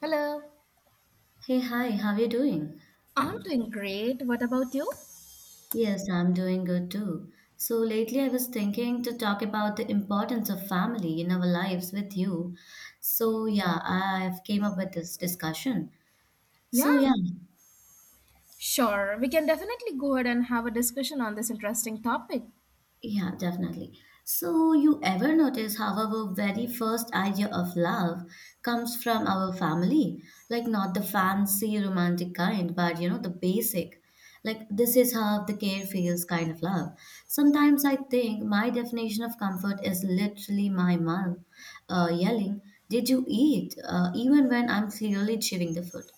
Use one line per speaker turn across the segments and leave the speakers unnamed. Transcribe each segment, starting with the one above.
Hello.
Hey, hi, how are you doing?
I'm doing great. What about you?
Yes, I'm doing good too. So, lately I was thinking to talk about the importance of family in our lives with you. So, yeah, I've came up with this discussion.
Yeah,
So, yeah,
sure. We can definitely go ahead and have a discussion on this interesting topic.
Yeah, definitely. So, you ever notice how our very first idea of love comes from our family? Like, not the fancy romantic kind, but you know, the basic. Like, this is how the care feels kind of love. Sometimes I think my definition of comfort is literally my mom yelling, did you eat? Even when I'm clearly chewing the food.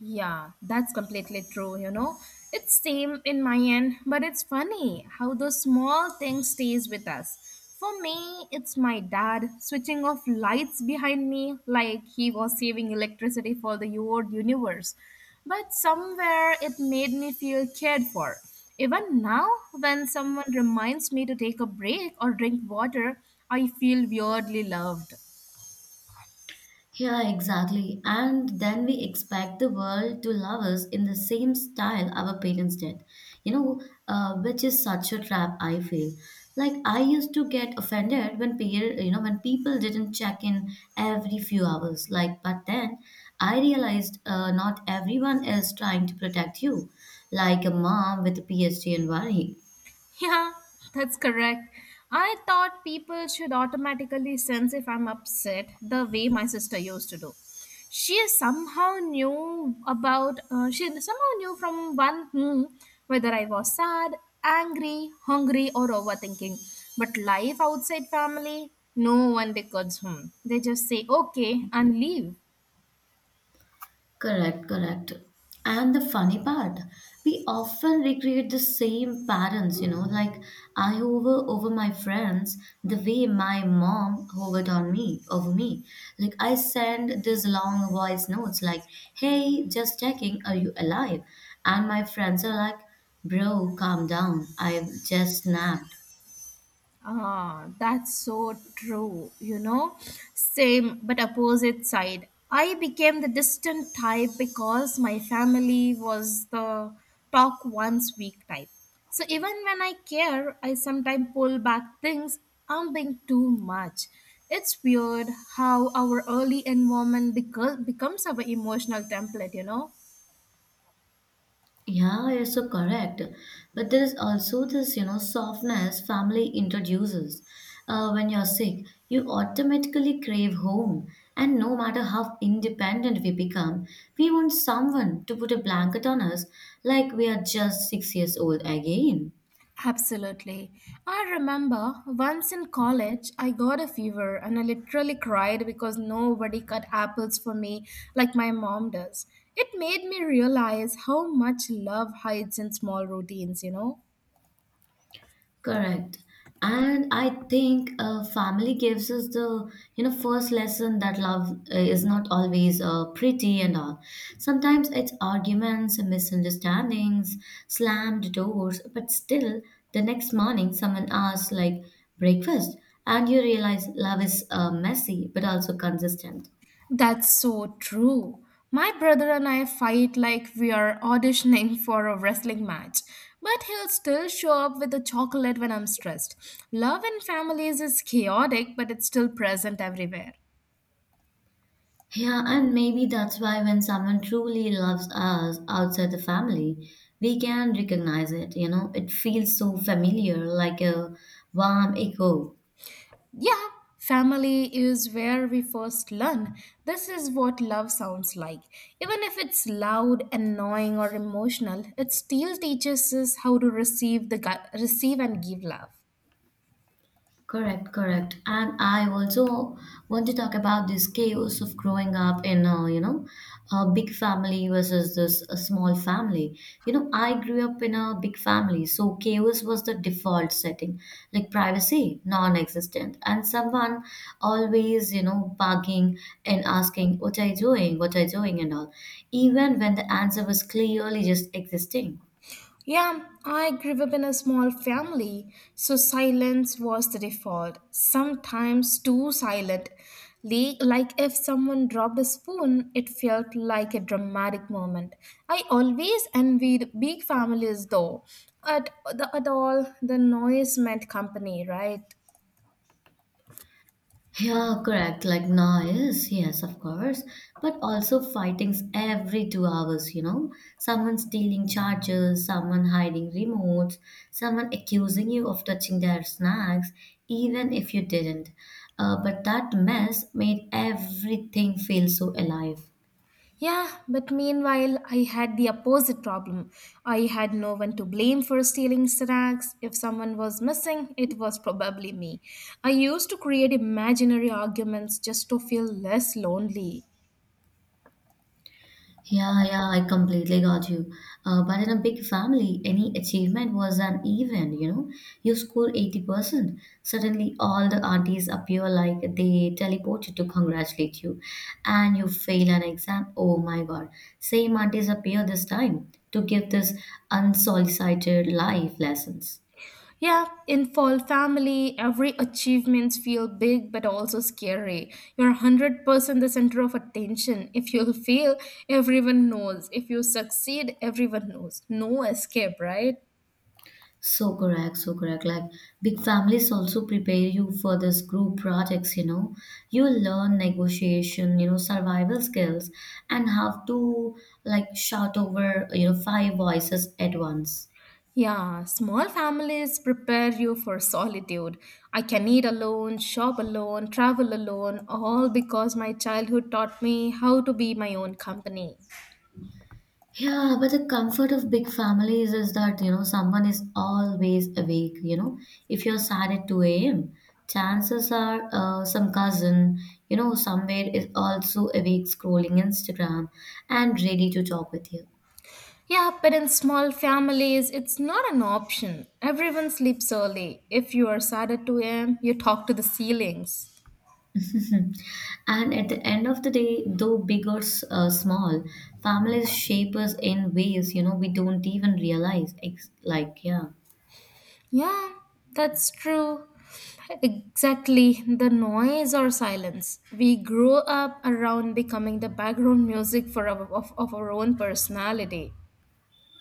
Yeah, that's completely true. It's same in my end, but it's funny how those small things stays with us. For me, it's my dad switching off lights behind me like he was saving electricity for the old universe. But somewhere it made me feel cared for. Even now, when someone reminds me to take a break or drink water, I feel weirdly loved.
Yeah, exactly. And then we expect the world to love us in the same style our parents did, you know, which is such a trap, I feel. Like I used to get offended when when people didn't check in every few hours. Like, but then I realized not everyone is trying to protect you, like a mom with a PhD in worry.
Yeah, that's correct. I thought people should automatically sense if I'm upset, the way my sister used to do. She somehow knew from one hmm whether I was sad, angry, hungry, or overthinking. But life outside family, no one records. They just say okay and leave.
Correct, correct. And the funny part, we often recreate the same patterns, you know, like I hover over my friends the way my mom hovered over me. Like I send these long voice notes like, hey, just checking, are you alive? And my friends are like, bro, calm down. I've just snapped.
Ah, that's so true. Same but opposite side. I became the distant type because my family was the talk once week type. So even when I care, I sometimes pull back things. I'm being too much. It's weird how our early environment becomes our emotional template.
Yeah, you're so correct. But there is also this, you know, softness family introduces. When you're sick, you automatically crave home. And no matter how independent we become, we want someone to put a blanket on us like we are just 6 years old again.
Absolutely. I remember once in college, I got a fever and I literally cried because nobody cut apples for me like my mom does. It made me realize how much love hides in small routines?
Correct. And I think family gives us the you know first lesson that love is not always pretty and all. Sometimes it's arguments, misunderstandings, slammed doors, but still the next morning someone asks like breakfast, and you realize love is messy but also consistent.
That's so true. My brother and I fight like we are auditioning for a wrestling match, but he'll still show up with a chocolate when I'm stressed. Love in families is chaotic, but it's still present everywhere.
Yeah, and maybe that's why when someone truly loves us outside the family, we can recognize it, you know, it feels so familiar, like a warm echo.
Yeah, family is where we first learn. This is what love sounds like. Even if it's loud, annoying, or emotional, it still teaches us how to receive and give love.
Correct, correct. And I also want to talk about this chaos of growing up in, a big family versus this a small family. You know, I grew up in a big family, so chaos was the default setting, like privacy, non-existent, and someone always, you know, bugging and asking, "What are you doing? What are you doing?" and all, even when the answer was clearly just existing.
Yeah, I grew up in a small family, so silence was the default. Sometimes too silent. Like if someone dropped a spoon, it felt like a dramatic moment. I always envied big families though. At, the, at all, the noise meant company, right?
Yeah, correct. Like noise, yes, yes, of course. But also fightings every 2 hours, you know. Someone stealing chargers, someone hiding remotes, someone accusing you of touching their snacks, even if you didn't. But that mess made everything feel so alive.
Yeah, but meanwhile, I had the opposite problem. I had no one to blame for stealing snacks. If someone was missing, it was probably me. I used to create imaginary arguments just to feel less lonely.
Yeah, yeah, I completely got you. But in a big family, any achievement was an event, you know. You score 80%, suddenly all the aunties appear like they teleported to congratulate you. And you fail an exam. Oh my God. Same aunties appear this time to give this unsolicited life lessons.
Yeah, in fall family, every achievements feel big but also scary. You're 100% the center of attention. If you fail, everyone knows. If you succeed, everyone knows. No escape, right?
So correct, so correct. Big families also prepare you for this group projects, you know. You learn negotiation, you know, survival skills and how to like shout over, you know, five voices at once.
Yeah, small families prepare you for solitude. I can eat alone, shop alone, travel alone, all because my childhood taught me how to be my own company.
Yeah, but the comfort of big families is that, you know, someone is always awake, you know. If you're sad at 2 a.m., chances are some cousin, you know, somewhere is also awake scrolling Instagram and ready to talk with you.
Yeah, but in small families, it's not an option. Everyone sleeps early. If you are sad at 2 a.m., you talk to the ceilings.
Mhm. And at the end of the day, though big or small, families shape us in ways you know we don't even realize. Yeah.
Yeah, that's true. Exactly, the noise or silence. We grow up around becoming the background music for our, of our own personality.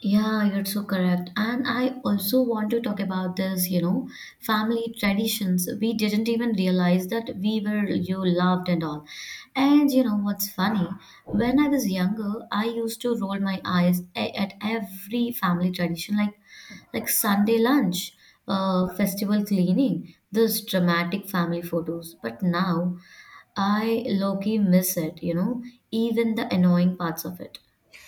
Yeah, you're so correct. And I also want to talk about this, you know, family traditions. We didn't even realize that we were you loved and all. And you know what's funny? When I was younger, I used to roll my eyes at every family tradition, like Sunday lunch, festival cleaning, those dramatic family photos. But now, I low-key miss it, you know, even the annoying parts of it.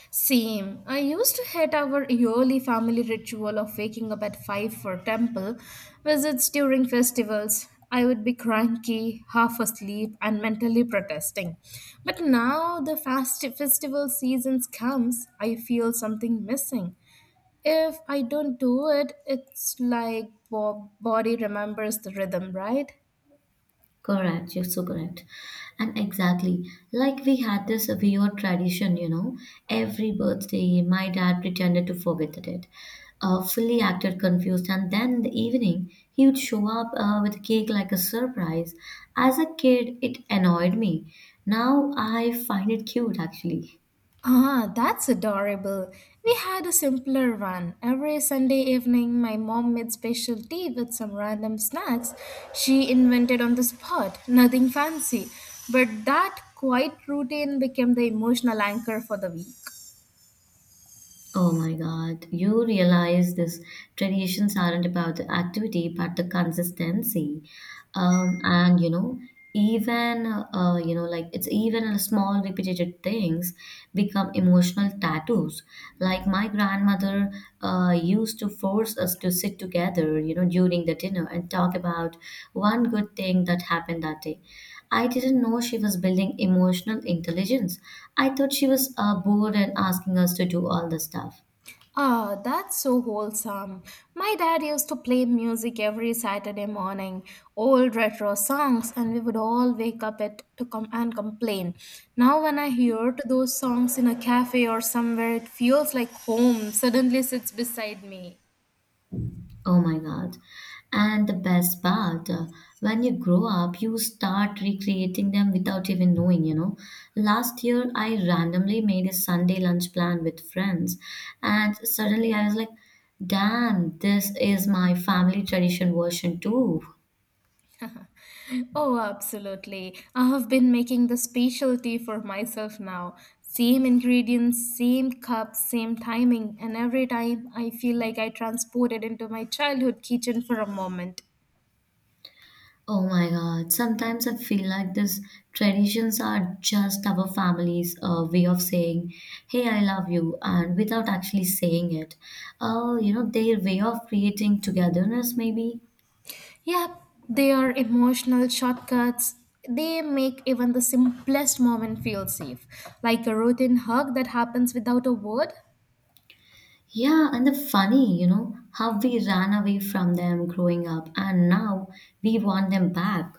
Same. I used to hate our yearly family ritual of waking up at 5 for temple visits during festivals. I would be cranky, half asleep, and mentally protesting. But now the fast festival seasons comes, I feel something missing. If I don't do it, it's like body remembers the rhythm, right?
Correct, you're so correct. And exactly, like we had this weird tradition, you know, every birthday, my dad pretended to forget the date, fully acted confused, and then in the evening, he would show up with a cake like a surprise. As a kid, it annoyed me. Now I find it cute, actually.
Ah, that's adorable. We had a simpler one. Every Sunday evening, my mom made special tea with some random snacks she invented on the spot. Nothing fancy. But that quiet routine became the emotional anchor for the week.
Oh my God, you realize these traditions aren't about the activity but the consistency. And you know, even you know, like it's even a small repeated things become emotional tattoos. Like my grandmother used to force us to sit together, you know, during the dinner and talk about one good thing that happened that day. I didn't know she was building emotional intelligence. I thought she was bored and asking us to do all the stuff.
Ah, that's so wholesome. My dad used to play music every Saturday morning, old retro songs, and we would all wake up at to come and complain. Now, when I hear to those songs in a cafe or somewhere, it feels like home suddenly sits beside me.
Oh my God. And the best part, when you grow up, you start recreating them without even knowing, you know. Last year, I randomly made a Sunday lunch plan with friends, and suddenly I was like, damn, this is my family tradition version too.
Oh, absolutely. I have been making the specialty for myself now. Same ingredients, same cup, same timing, and every time I feel like I transported into my childhood kitchen for a moment.
Oh my God. Sometimes I feel like these traditions are just our family's way of saying, hey, I love you, and without actually saying it. Oh, you know, their way of creating togetherness, maybe.
Yep, they are emotional shortcuts. They make even the simplest moment feel safe, like a routine hug that happens without a word.
Yeah, and the funny, you know, how we ran away from them growing up, and now we want them back.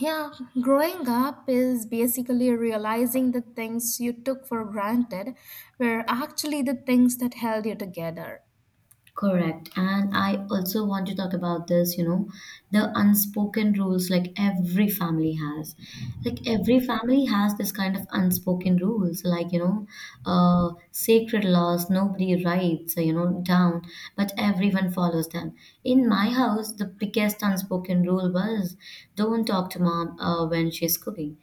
Yeah, growing up is basically realizing the things you took for granted were actually the things that held you together.
Correct. And I also want to talk about this, you know, the unspoken rules like every family has. Like every family has this kind of unspoken rules, like, you know, sacred laws, nobody writes, you know, down, but everyone follows them. In my house, the biggest unspoken rule was don't talk to mom when she's cooking.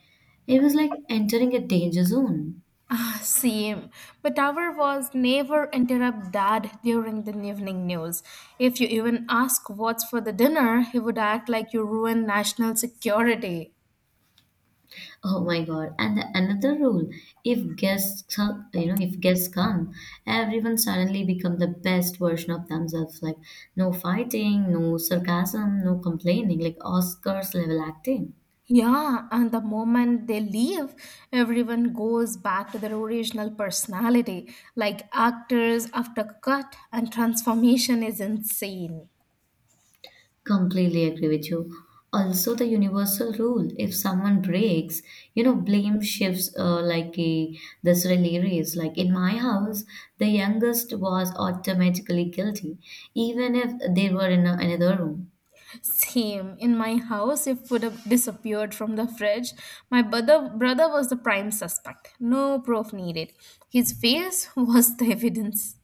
It was like entering a danger zone.
Ah, same. But our was never interrupt dad during the evening news. If you even ask what's for the dinner, he would act like you ruined national security.
Oh my God. And another rule, if guests, are- you know, if guests come, everyone suddenly become the best version of themselves. Like no fighting, no sarcasm, no complaining, like Oscars level acting.
Yeah, and the moment they leave, everyone goes back to their original personality. Like actors after cut and transformation is insane.
Completely agree with you. Also, the universal rule, if someone breaks, you know, blame shifts this relay race. Like in my house, the youngest was automatically guilty, even if they were in another room.
Same in my house, if food have disappeared from the fridge, my brother was the prime suspect. No proof needed. His face was the evidence.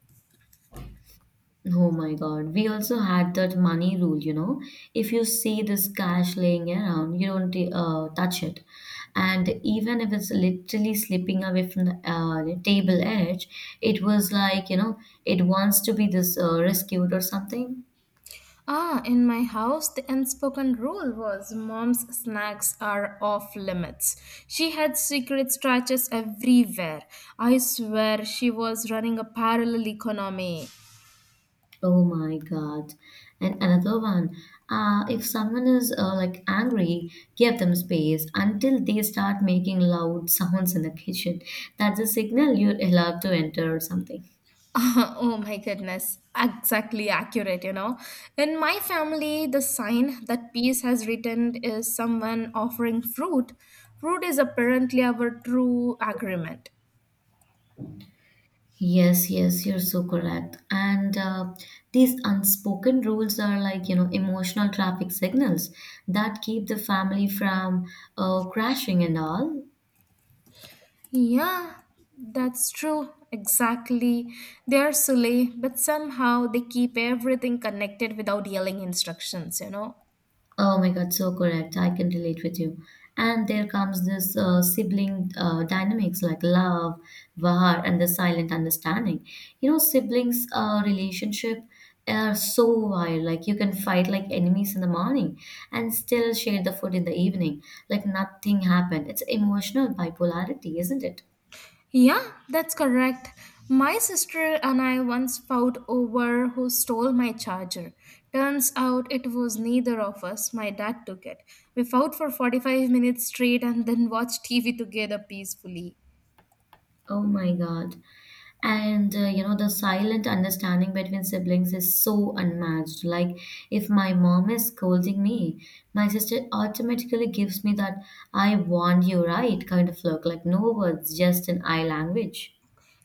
Oh my God. We also had that money rule, you know. If you see this cash laying around, you don't touch it. And even if it's literally slipping away from the table edge, it was like, you know, it wants to be this rescued or something.
Ah, in my house, the unspoken rule was mom's snacks are off limits. She had secret scratches everywhere. I swear she was running a parallel economy.
Oh my God. And another one, if someone is angry, give them space until they start making loud sounds in the kitchen. That's a signal you're allowed to enter or something.
Oh my goodness, exactly accurate. In my family, the sign that peace has written is someone offering fruit. Fruit is apparently our true agreement.
Yes, yes, you're so correct. And these unspoken rules are like, you know, emotional traffic signals that keep the family from crashing and all.
Yeah, that's true. Exactly. They are silly, but somehow they keep everything connected without yelling instructions?
Oh my God, so correct. I can relate with you. And there comes this sibling dynamics like love, war, and the silent understanding. You know, siblings' relationship are so wild. Like you can fight like enemies in the morning and still share the food in the evening. Like nothing happened. It's emotional bipolarity, isn't it?
Yeah, that's correct. My sister and I once fought over who stole my charger. Turns out it was neither of us. My dad took it. We fought for 45 minutes straight and then watched TV together peacefully.
Oh my God. And you know, the silent understanding between siblings is so unmatched. Like, if my mom is scolding me, my sister automatically gives me that I warned you, right? kind of look. Like, no words, just an eye language.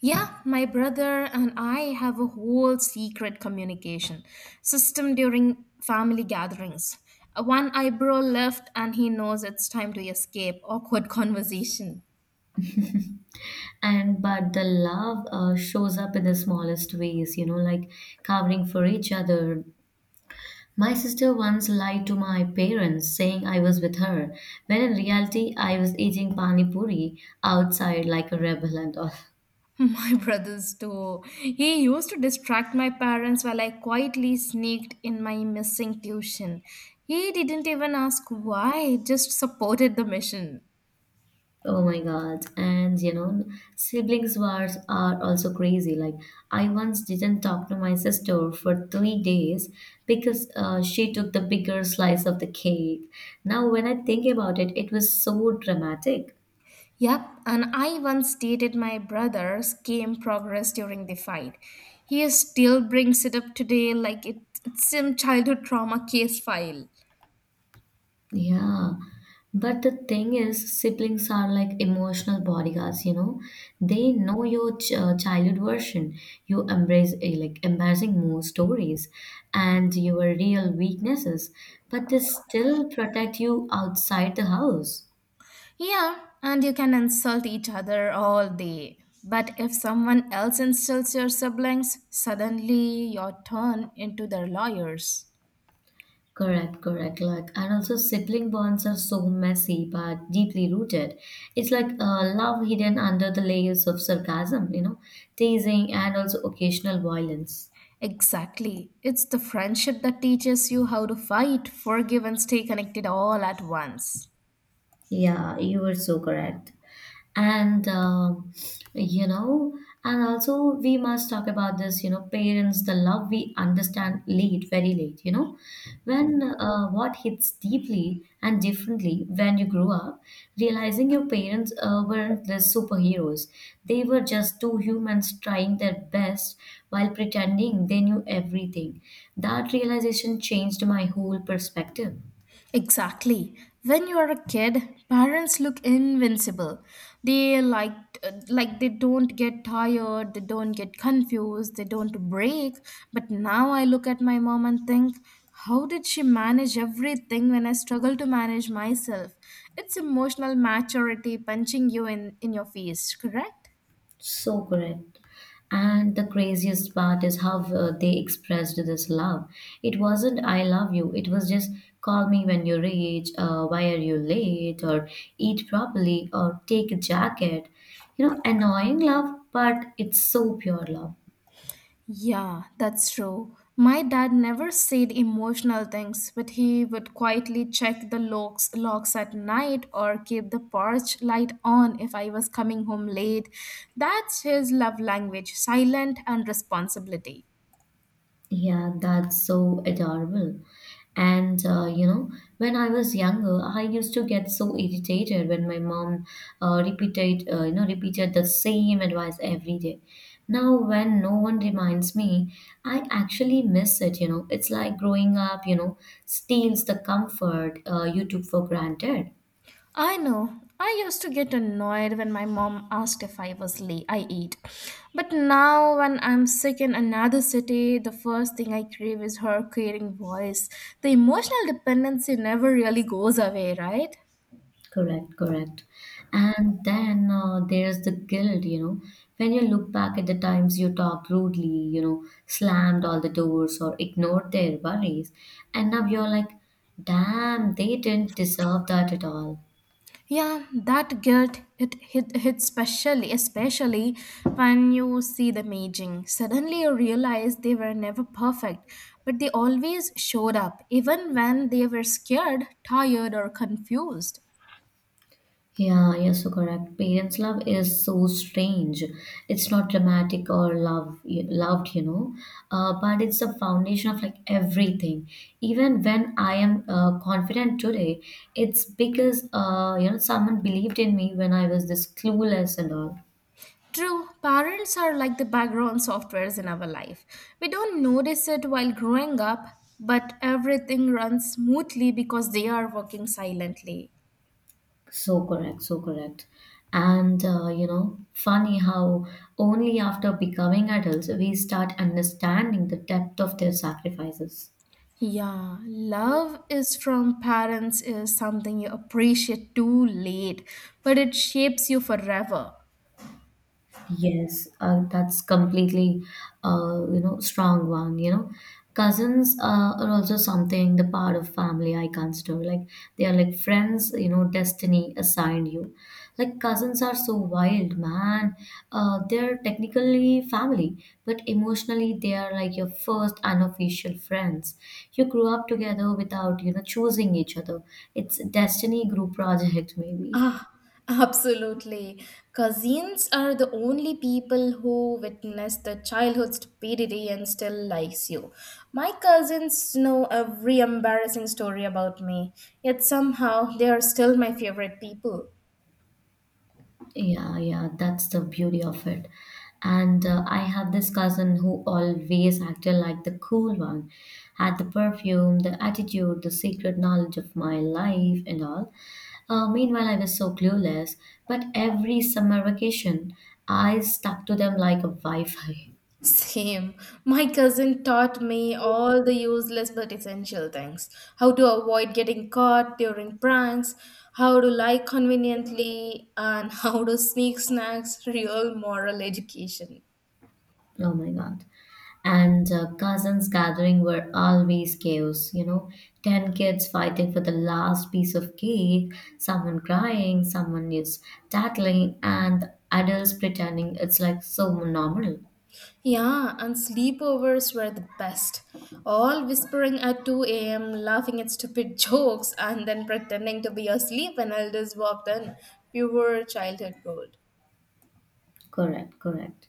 Yeah, my brother and I have a whole secret communication system during family gatherings. One eyebrow left, and he knows it's time to escape awkward conversation.
And but the love shows up in the smallest ways, you know, like covering for each other. My sister once lied to my parents saying I was with her, when in reality, I was eating pani puri outside like a rebel and all.
My brothers too. He used to distract my parents while I quietly sneaked in my missing tuition. He didn't even ask why, just supported the mission.
Oh my God. And you know, siblings wars are also crazy. Like, I once didn't talk to my sister for 3 days because she took the bigger slice of the cake. Now, when I think about it, it was so dramatic.
Yep, and I once dated my brother's game progress during the fight. He still brings it up today like it's some childhood trauma case file.
Yeah. But the thing is, siblings are like emotional bodyguards, you know. They know your childhood version, you embrace embarrassing more stories and your real weaknesses, but they still protect you outside the house.
Yeah, and you can insult each other all day. But if someone else insults your siblings, suddenly you're turned into their lawyers.
Correct, correct. Like, and also sibling bonds are so messy but deeply rooted. It's like love hidden under the layers of sarcasm, you know, teasing and also occasional violence.
Exactly. It's the friendship that teaches you how to fight, forgive, and stay connected all at once.
Yeah, you were so correct. And, you know, and also we must talk about this, you know, parents, the love we understand late, very late, you know. When what hits deeply and differently when you grow up, realizing your parents weren't the superheroes. They were just two humans trying their best while pretending they knew everything. That realization changed my whole perspective.
Exactly. When you are a kid, parents look invincible. They like they don't get tired, they don't get confused, they don't break. But now I look at my mom and think, how did she manage everything when I struggle to manage myself? It's emotional maturity punching you in your face, correct?
So correct. And the craziest part is how they expressed this love. It wasn't "I love you." It was just "Call me when you reach," "Why are you late?" or "Eat properly," or "Take a jacket." Annoying love, but it's so pure love.
Yeah, that's true. My dad never said emotional things, but he would quietly check the locks at night or keep the porch light on if I was coming home late. That's his love language, silent and responsibility.
Yeah, that's so adorable. And uh, you know, when I was younger, I used to get so irritated when my mom repeated the same advice every day. Now, when no one reminds me, I actually miss it. It's like growing up. Steals the comfort you took for granted.
I know. I used to get annoyed when my mom asked if I was late. I ate. But now, when I'm sick in another city, the first thing I crave is her caring voice. The emotional dependency never really goes away, right?
Correct, correct. And then there's the guilt. When you look back at the times you talked rudely, slammed all the doors or ignored their worries, and now you're like, damn, they didn't deserve that at all.
Yeah, that guilt it hit hits especially when you see them aging. Suddenly you realize they were never perfect, but they always showed up, even when they were scared, tired, or confused.
Yeah, you're so correct. Parents' love is so strange. It's not dramatic or love loved, but it's the foundation of like everything. Even when I am confident today, it's because someone believed in me when I was this clueless and all.
True, parents are like the background softwares in our life. We don't notice it while growing up, but everything runs smoothly because they are working silently.
So correct, so correct. And funny how only after becoming adults we start understanding the depth of their sacrifices.
Yeah, love is from parents is something you appreciate too late, but it shapes you forever.
Yes, that's completely, strong one. Cousins are also something the part of family I consider. Like they are like friends. You know, destiny assigned you. Like cousins are so wild, man. They're technically family, but emotionally they are like your first unofficial friends. You grew up together without choosing each other. It's destiny group project maybe.
Ah, absolutely. Cousins are the only people who witnessed the childhood stupidity and still likes you. My cousins know every embarrassing story about me, yet somehow they are still my favorite people.
Yeah, yeah, that's the beauty of it. And I have this cousin who always acted like the cool one, had the perfume, the attitude, the secret knowledge of my life and all. Meanwhile, I was so clueless, but every summer vacation, I stuck to them like a Wi Fi.
Same. My cousin taught me all the useless but essential things. How to avoid getting caught during pranks, how to lie conveniently, and how to sneak snacks, real moral education.
Oh my God. And cousins gathering were always chaos. 10 kids fighting for the last piece of cake, someone crying, someone is tattling, and adults pretending it's like so normal.
Yeah, and sleepovers were the best. All whispering at 2 a.m., laughing at stupid jokes, and then pretending to be asleep when elders walked in. Pure childhood gold.
Correct, correct.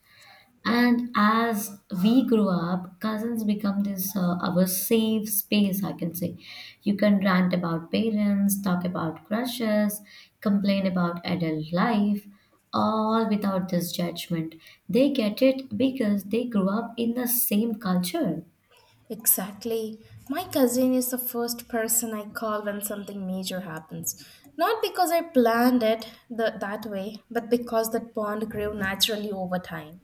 And as we grow up, cousins become this our safe space, I can say. You can rant about parents, talk about crushes, complain about adult life, all without this judgment. They get it because they grew up in the same culture.
Exactly. My cousin is the first person I call when something major happens. Not because I planned it that way, but because that bond grew naturally over time.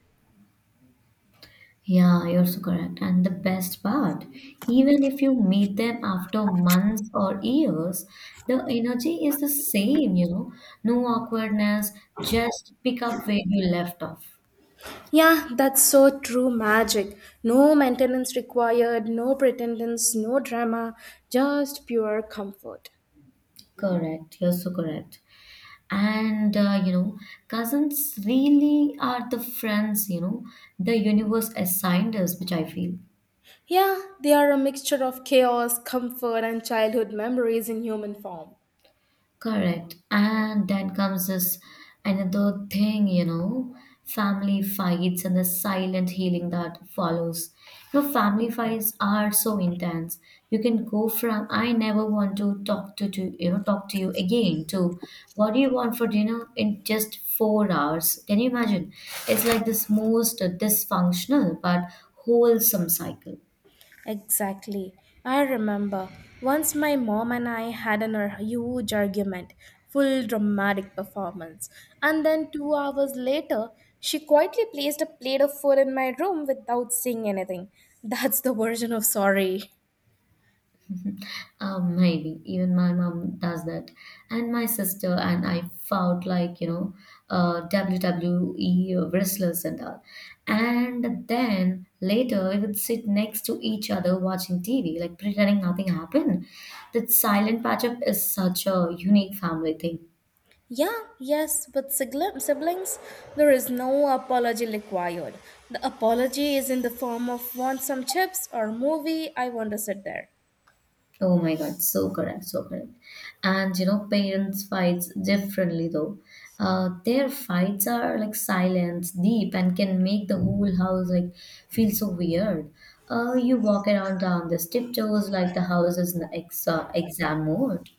Yeah, you're so correct. And the best part, even if you meet them after months or years, the energy is the same. No awkwardness, just pick up where you left off.
Yeah, that's so true magic. No maintenance required, no pretendence, no drama, just pure comfort.
Correct, you're so correct. And cousins really are the friends, the universe assigned us, which I feel.
Yeah, they are a mixture of chaos, comfort, and childhood memories in human form.
Correct. And then comes this another thing, you know, family fights and the silent healing that follows. You know, family fights are so intense. You can go from I never want to talk to talk to you again to what do you want for dinner in just 4 hours. Can you imagine? It's like this most dysfunctional but wholesome cycle.
Exactly. I remember once my mom and I had huge argument, full dramatic performance. And then 2 hours later, she quietly placed a plate of food in my room without saying anything. That's the version of sorry.
Maybe even my mom does that, and my sister and I fought like WWE wrestlers and all. And then later we would sit next to each other watching TV, like pretending nothing happened. That silent patch up is such a unique family thing.
Yeah, yes, with siblings, there is no apology required. The apology is in the form of want some chips or movie, I want to sit there.
Oh my God, so correct, so correct. And you know, parents fights differently though. Their fights are like silent, deep, and can make the whole house like feel so weird. You walk around down the tiptoes like the house is an exam mode.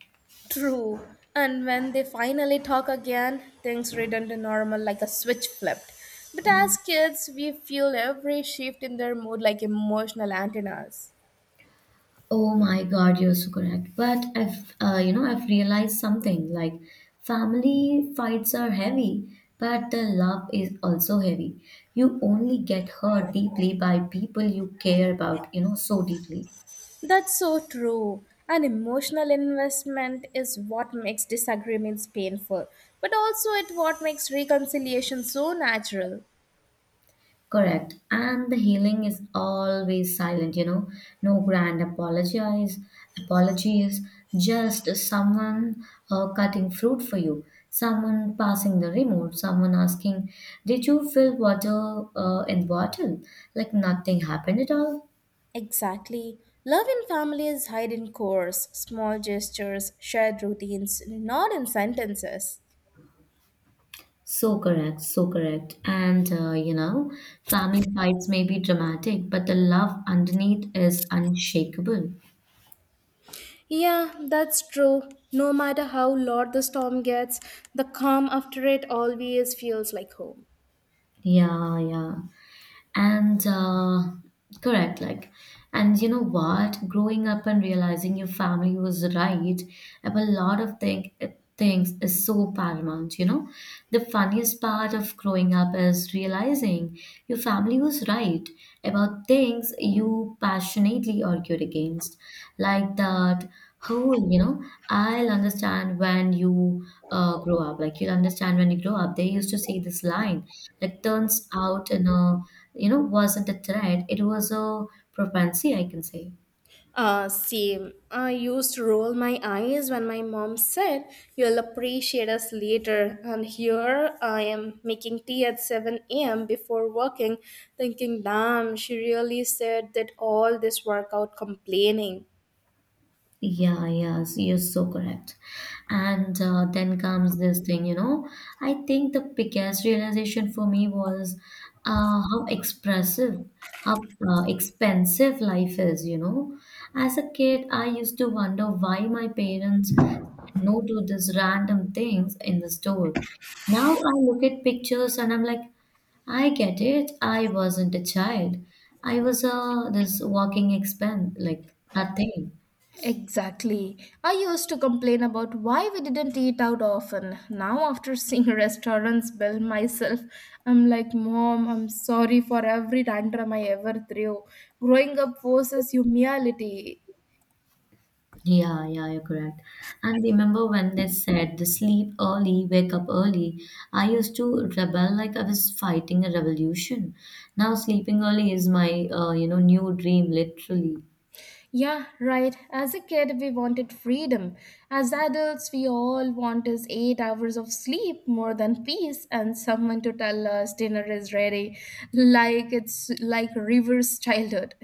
True. And when they finally talk again, things return to normal like a switch flipped. But as kids, we feel every shift in their mood like emotional antennas.
Oh my God, you're so correct. But I've realized something like family fights are heavy, but the love is also heavy. You only get hurt deeply by people you care about, so deeply.
That's so true. An emotional investment is what makes disagreements painful, but also it what makes reconciliation so natural.
Correct. And the healing is always silent, you know. No grand apologize, apologies, just someone cutting fruit for you, someone passing the remote, someone asking, Did you fill water in the bottle? Like nothing happened at all.
Exactly. Love in family is hidden cores, small gestures, shared routines, not in sentences.
So correct, so correct. And family fights may be dramatic, but the love underneath is unshakable.
Yeah, that's true. No matter how loud the storm gets, the calm after it always feels like home.
Yeah, yeah. And correct, like, and you know what? Growing up and realizing your family was right about a lot of thing, things is so paramount, you know? The funniest part of growing up is realizing your family was right about things you passionately argued against, like that whole, I'll understand when you grow up. Like, you'll understand when you grow up. They used to say this line that turns out in a wasn't a threat, it was a propensity, I can say.
Same. I used to roll my eyes when my mom said, "You'll appreciate us later." And here I am making tea at 7 a.m. before working, thinking, "Damn, she really said that all this workout complaining."
Yeah, yes, you're so correct. And then comes this thing, you know. I think the biggest realization for me was how expressive, how expensive life is, you know. As a kid, I used to wonder why my parents said no to these random things in the store. Now I look at pictures and I'm like, I get it. I wasn't a child. I was a this walking expense, like a thing.
Exactly. I used to complain about why we didn't eat out often. Now, after seeing restaurants build myself, I'm like, "Mom, I'm sorry for every tantrum I ever threw." Growing up forces humility.
Yeah, yeah, you're correct. And remember when they said the sleep early, wake up early. I used to rebel like I was fighting a revolution. Now sleeping early is my new dream, literally.
Yeah, right. As a kid, we wanted freedom. As adults, we all want is 8 hours of sleep, more than peace, and someone to tell us dinner is ready, like it's like reverse childhood.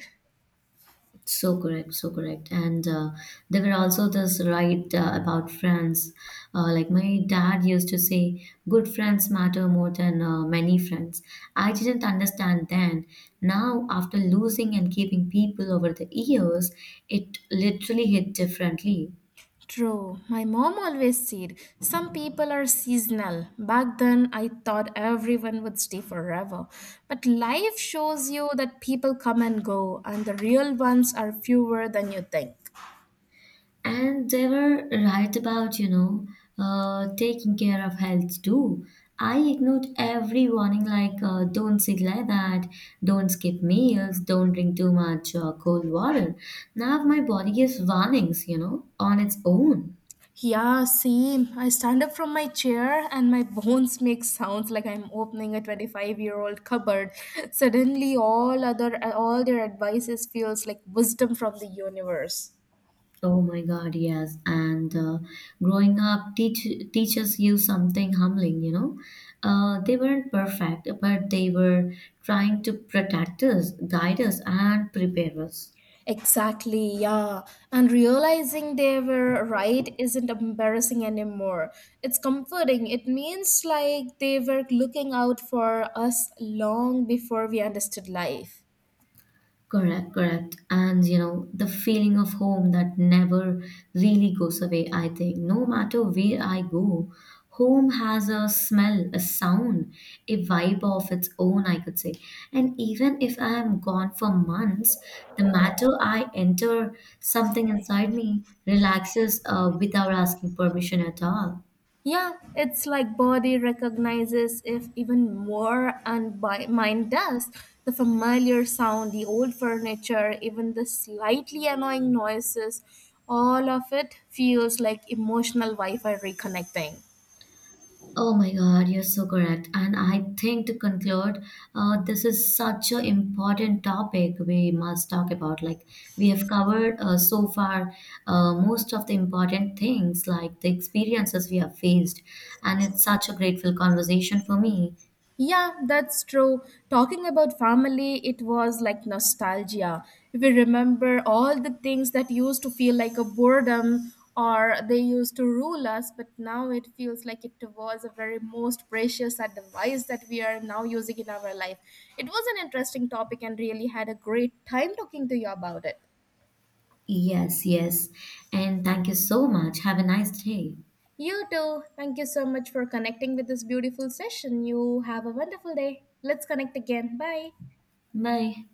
So correct, so correct. And there were also this right about friends. Like my dad used to say, good friends matter more than many friends. I didn't understand then. Now, after losing and keeping people over the years, it literally hit differently.
True. My mom always said some people are seasonal. Back then, I thought everyone would stay forever. But life shows you that people come and go, and the real ones are fewer than you think.
And they were right about, taking care of health too. I ignored every warning like don't sit like that, don't skip meals, don't drink too much cold water. Now my body gives warnings, you know, on its own.
Yeah, same. I stand up from my chair and my bones make sounds like I'm opening a 25-year-old cupboard. Suddenly all their advices feels like wisdom from the universe.
Oh my God, yes. And growing up, teach, teachers you something humbling, you know. They weren't perfect, but they were trying to protect us, guide us, and prepare us.
Exactly, yeah. And realizing they were right isn't embarrassing anymore. It's comforting. It means like they were looking out for us long before we understood life.
Correct, correct. And you know, the feeling of home that never really goes away, I think. No matter where I go, home has a smell, a sound, a vibe of its own, I could say. And even if I am gone for months, the matter I enter, something inside me relaxes without asking permission at all.
Yeah, it's like body recognizes if even more and by mind does. The familiar sound, the old furniture, even the slightly annoying noises, all of it feels like emotional Wi-Fi reconnecting.
Oh my God, you're so correct. And I think to conclude, this is such an important topic we must talk about. Like we have covered so far most of the important things, like the experiences we have faced. And it's such a grateful conversation for me.
Yeah, that's true. Talking about family, it was like nostalgia. We remember all the things that used to feel like a boredom or they used to rule us, but now it feels like it was a very most precious advice that we are now using in our life. It was an interesting topic and really had a great time talking to you about it.
Yes, yes. And thank you so much. Have a nice day.
You too. Thank you so much for connecting with this beautiful session. You have a wonderful day. Let's connect again. Bye.
Bye.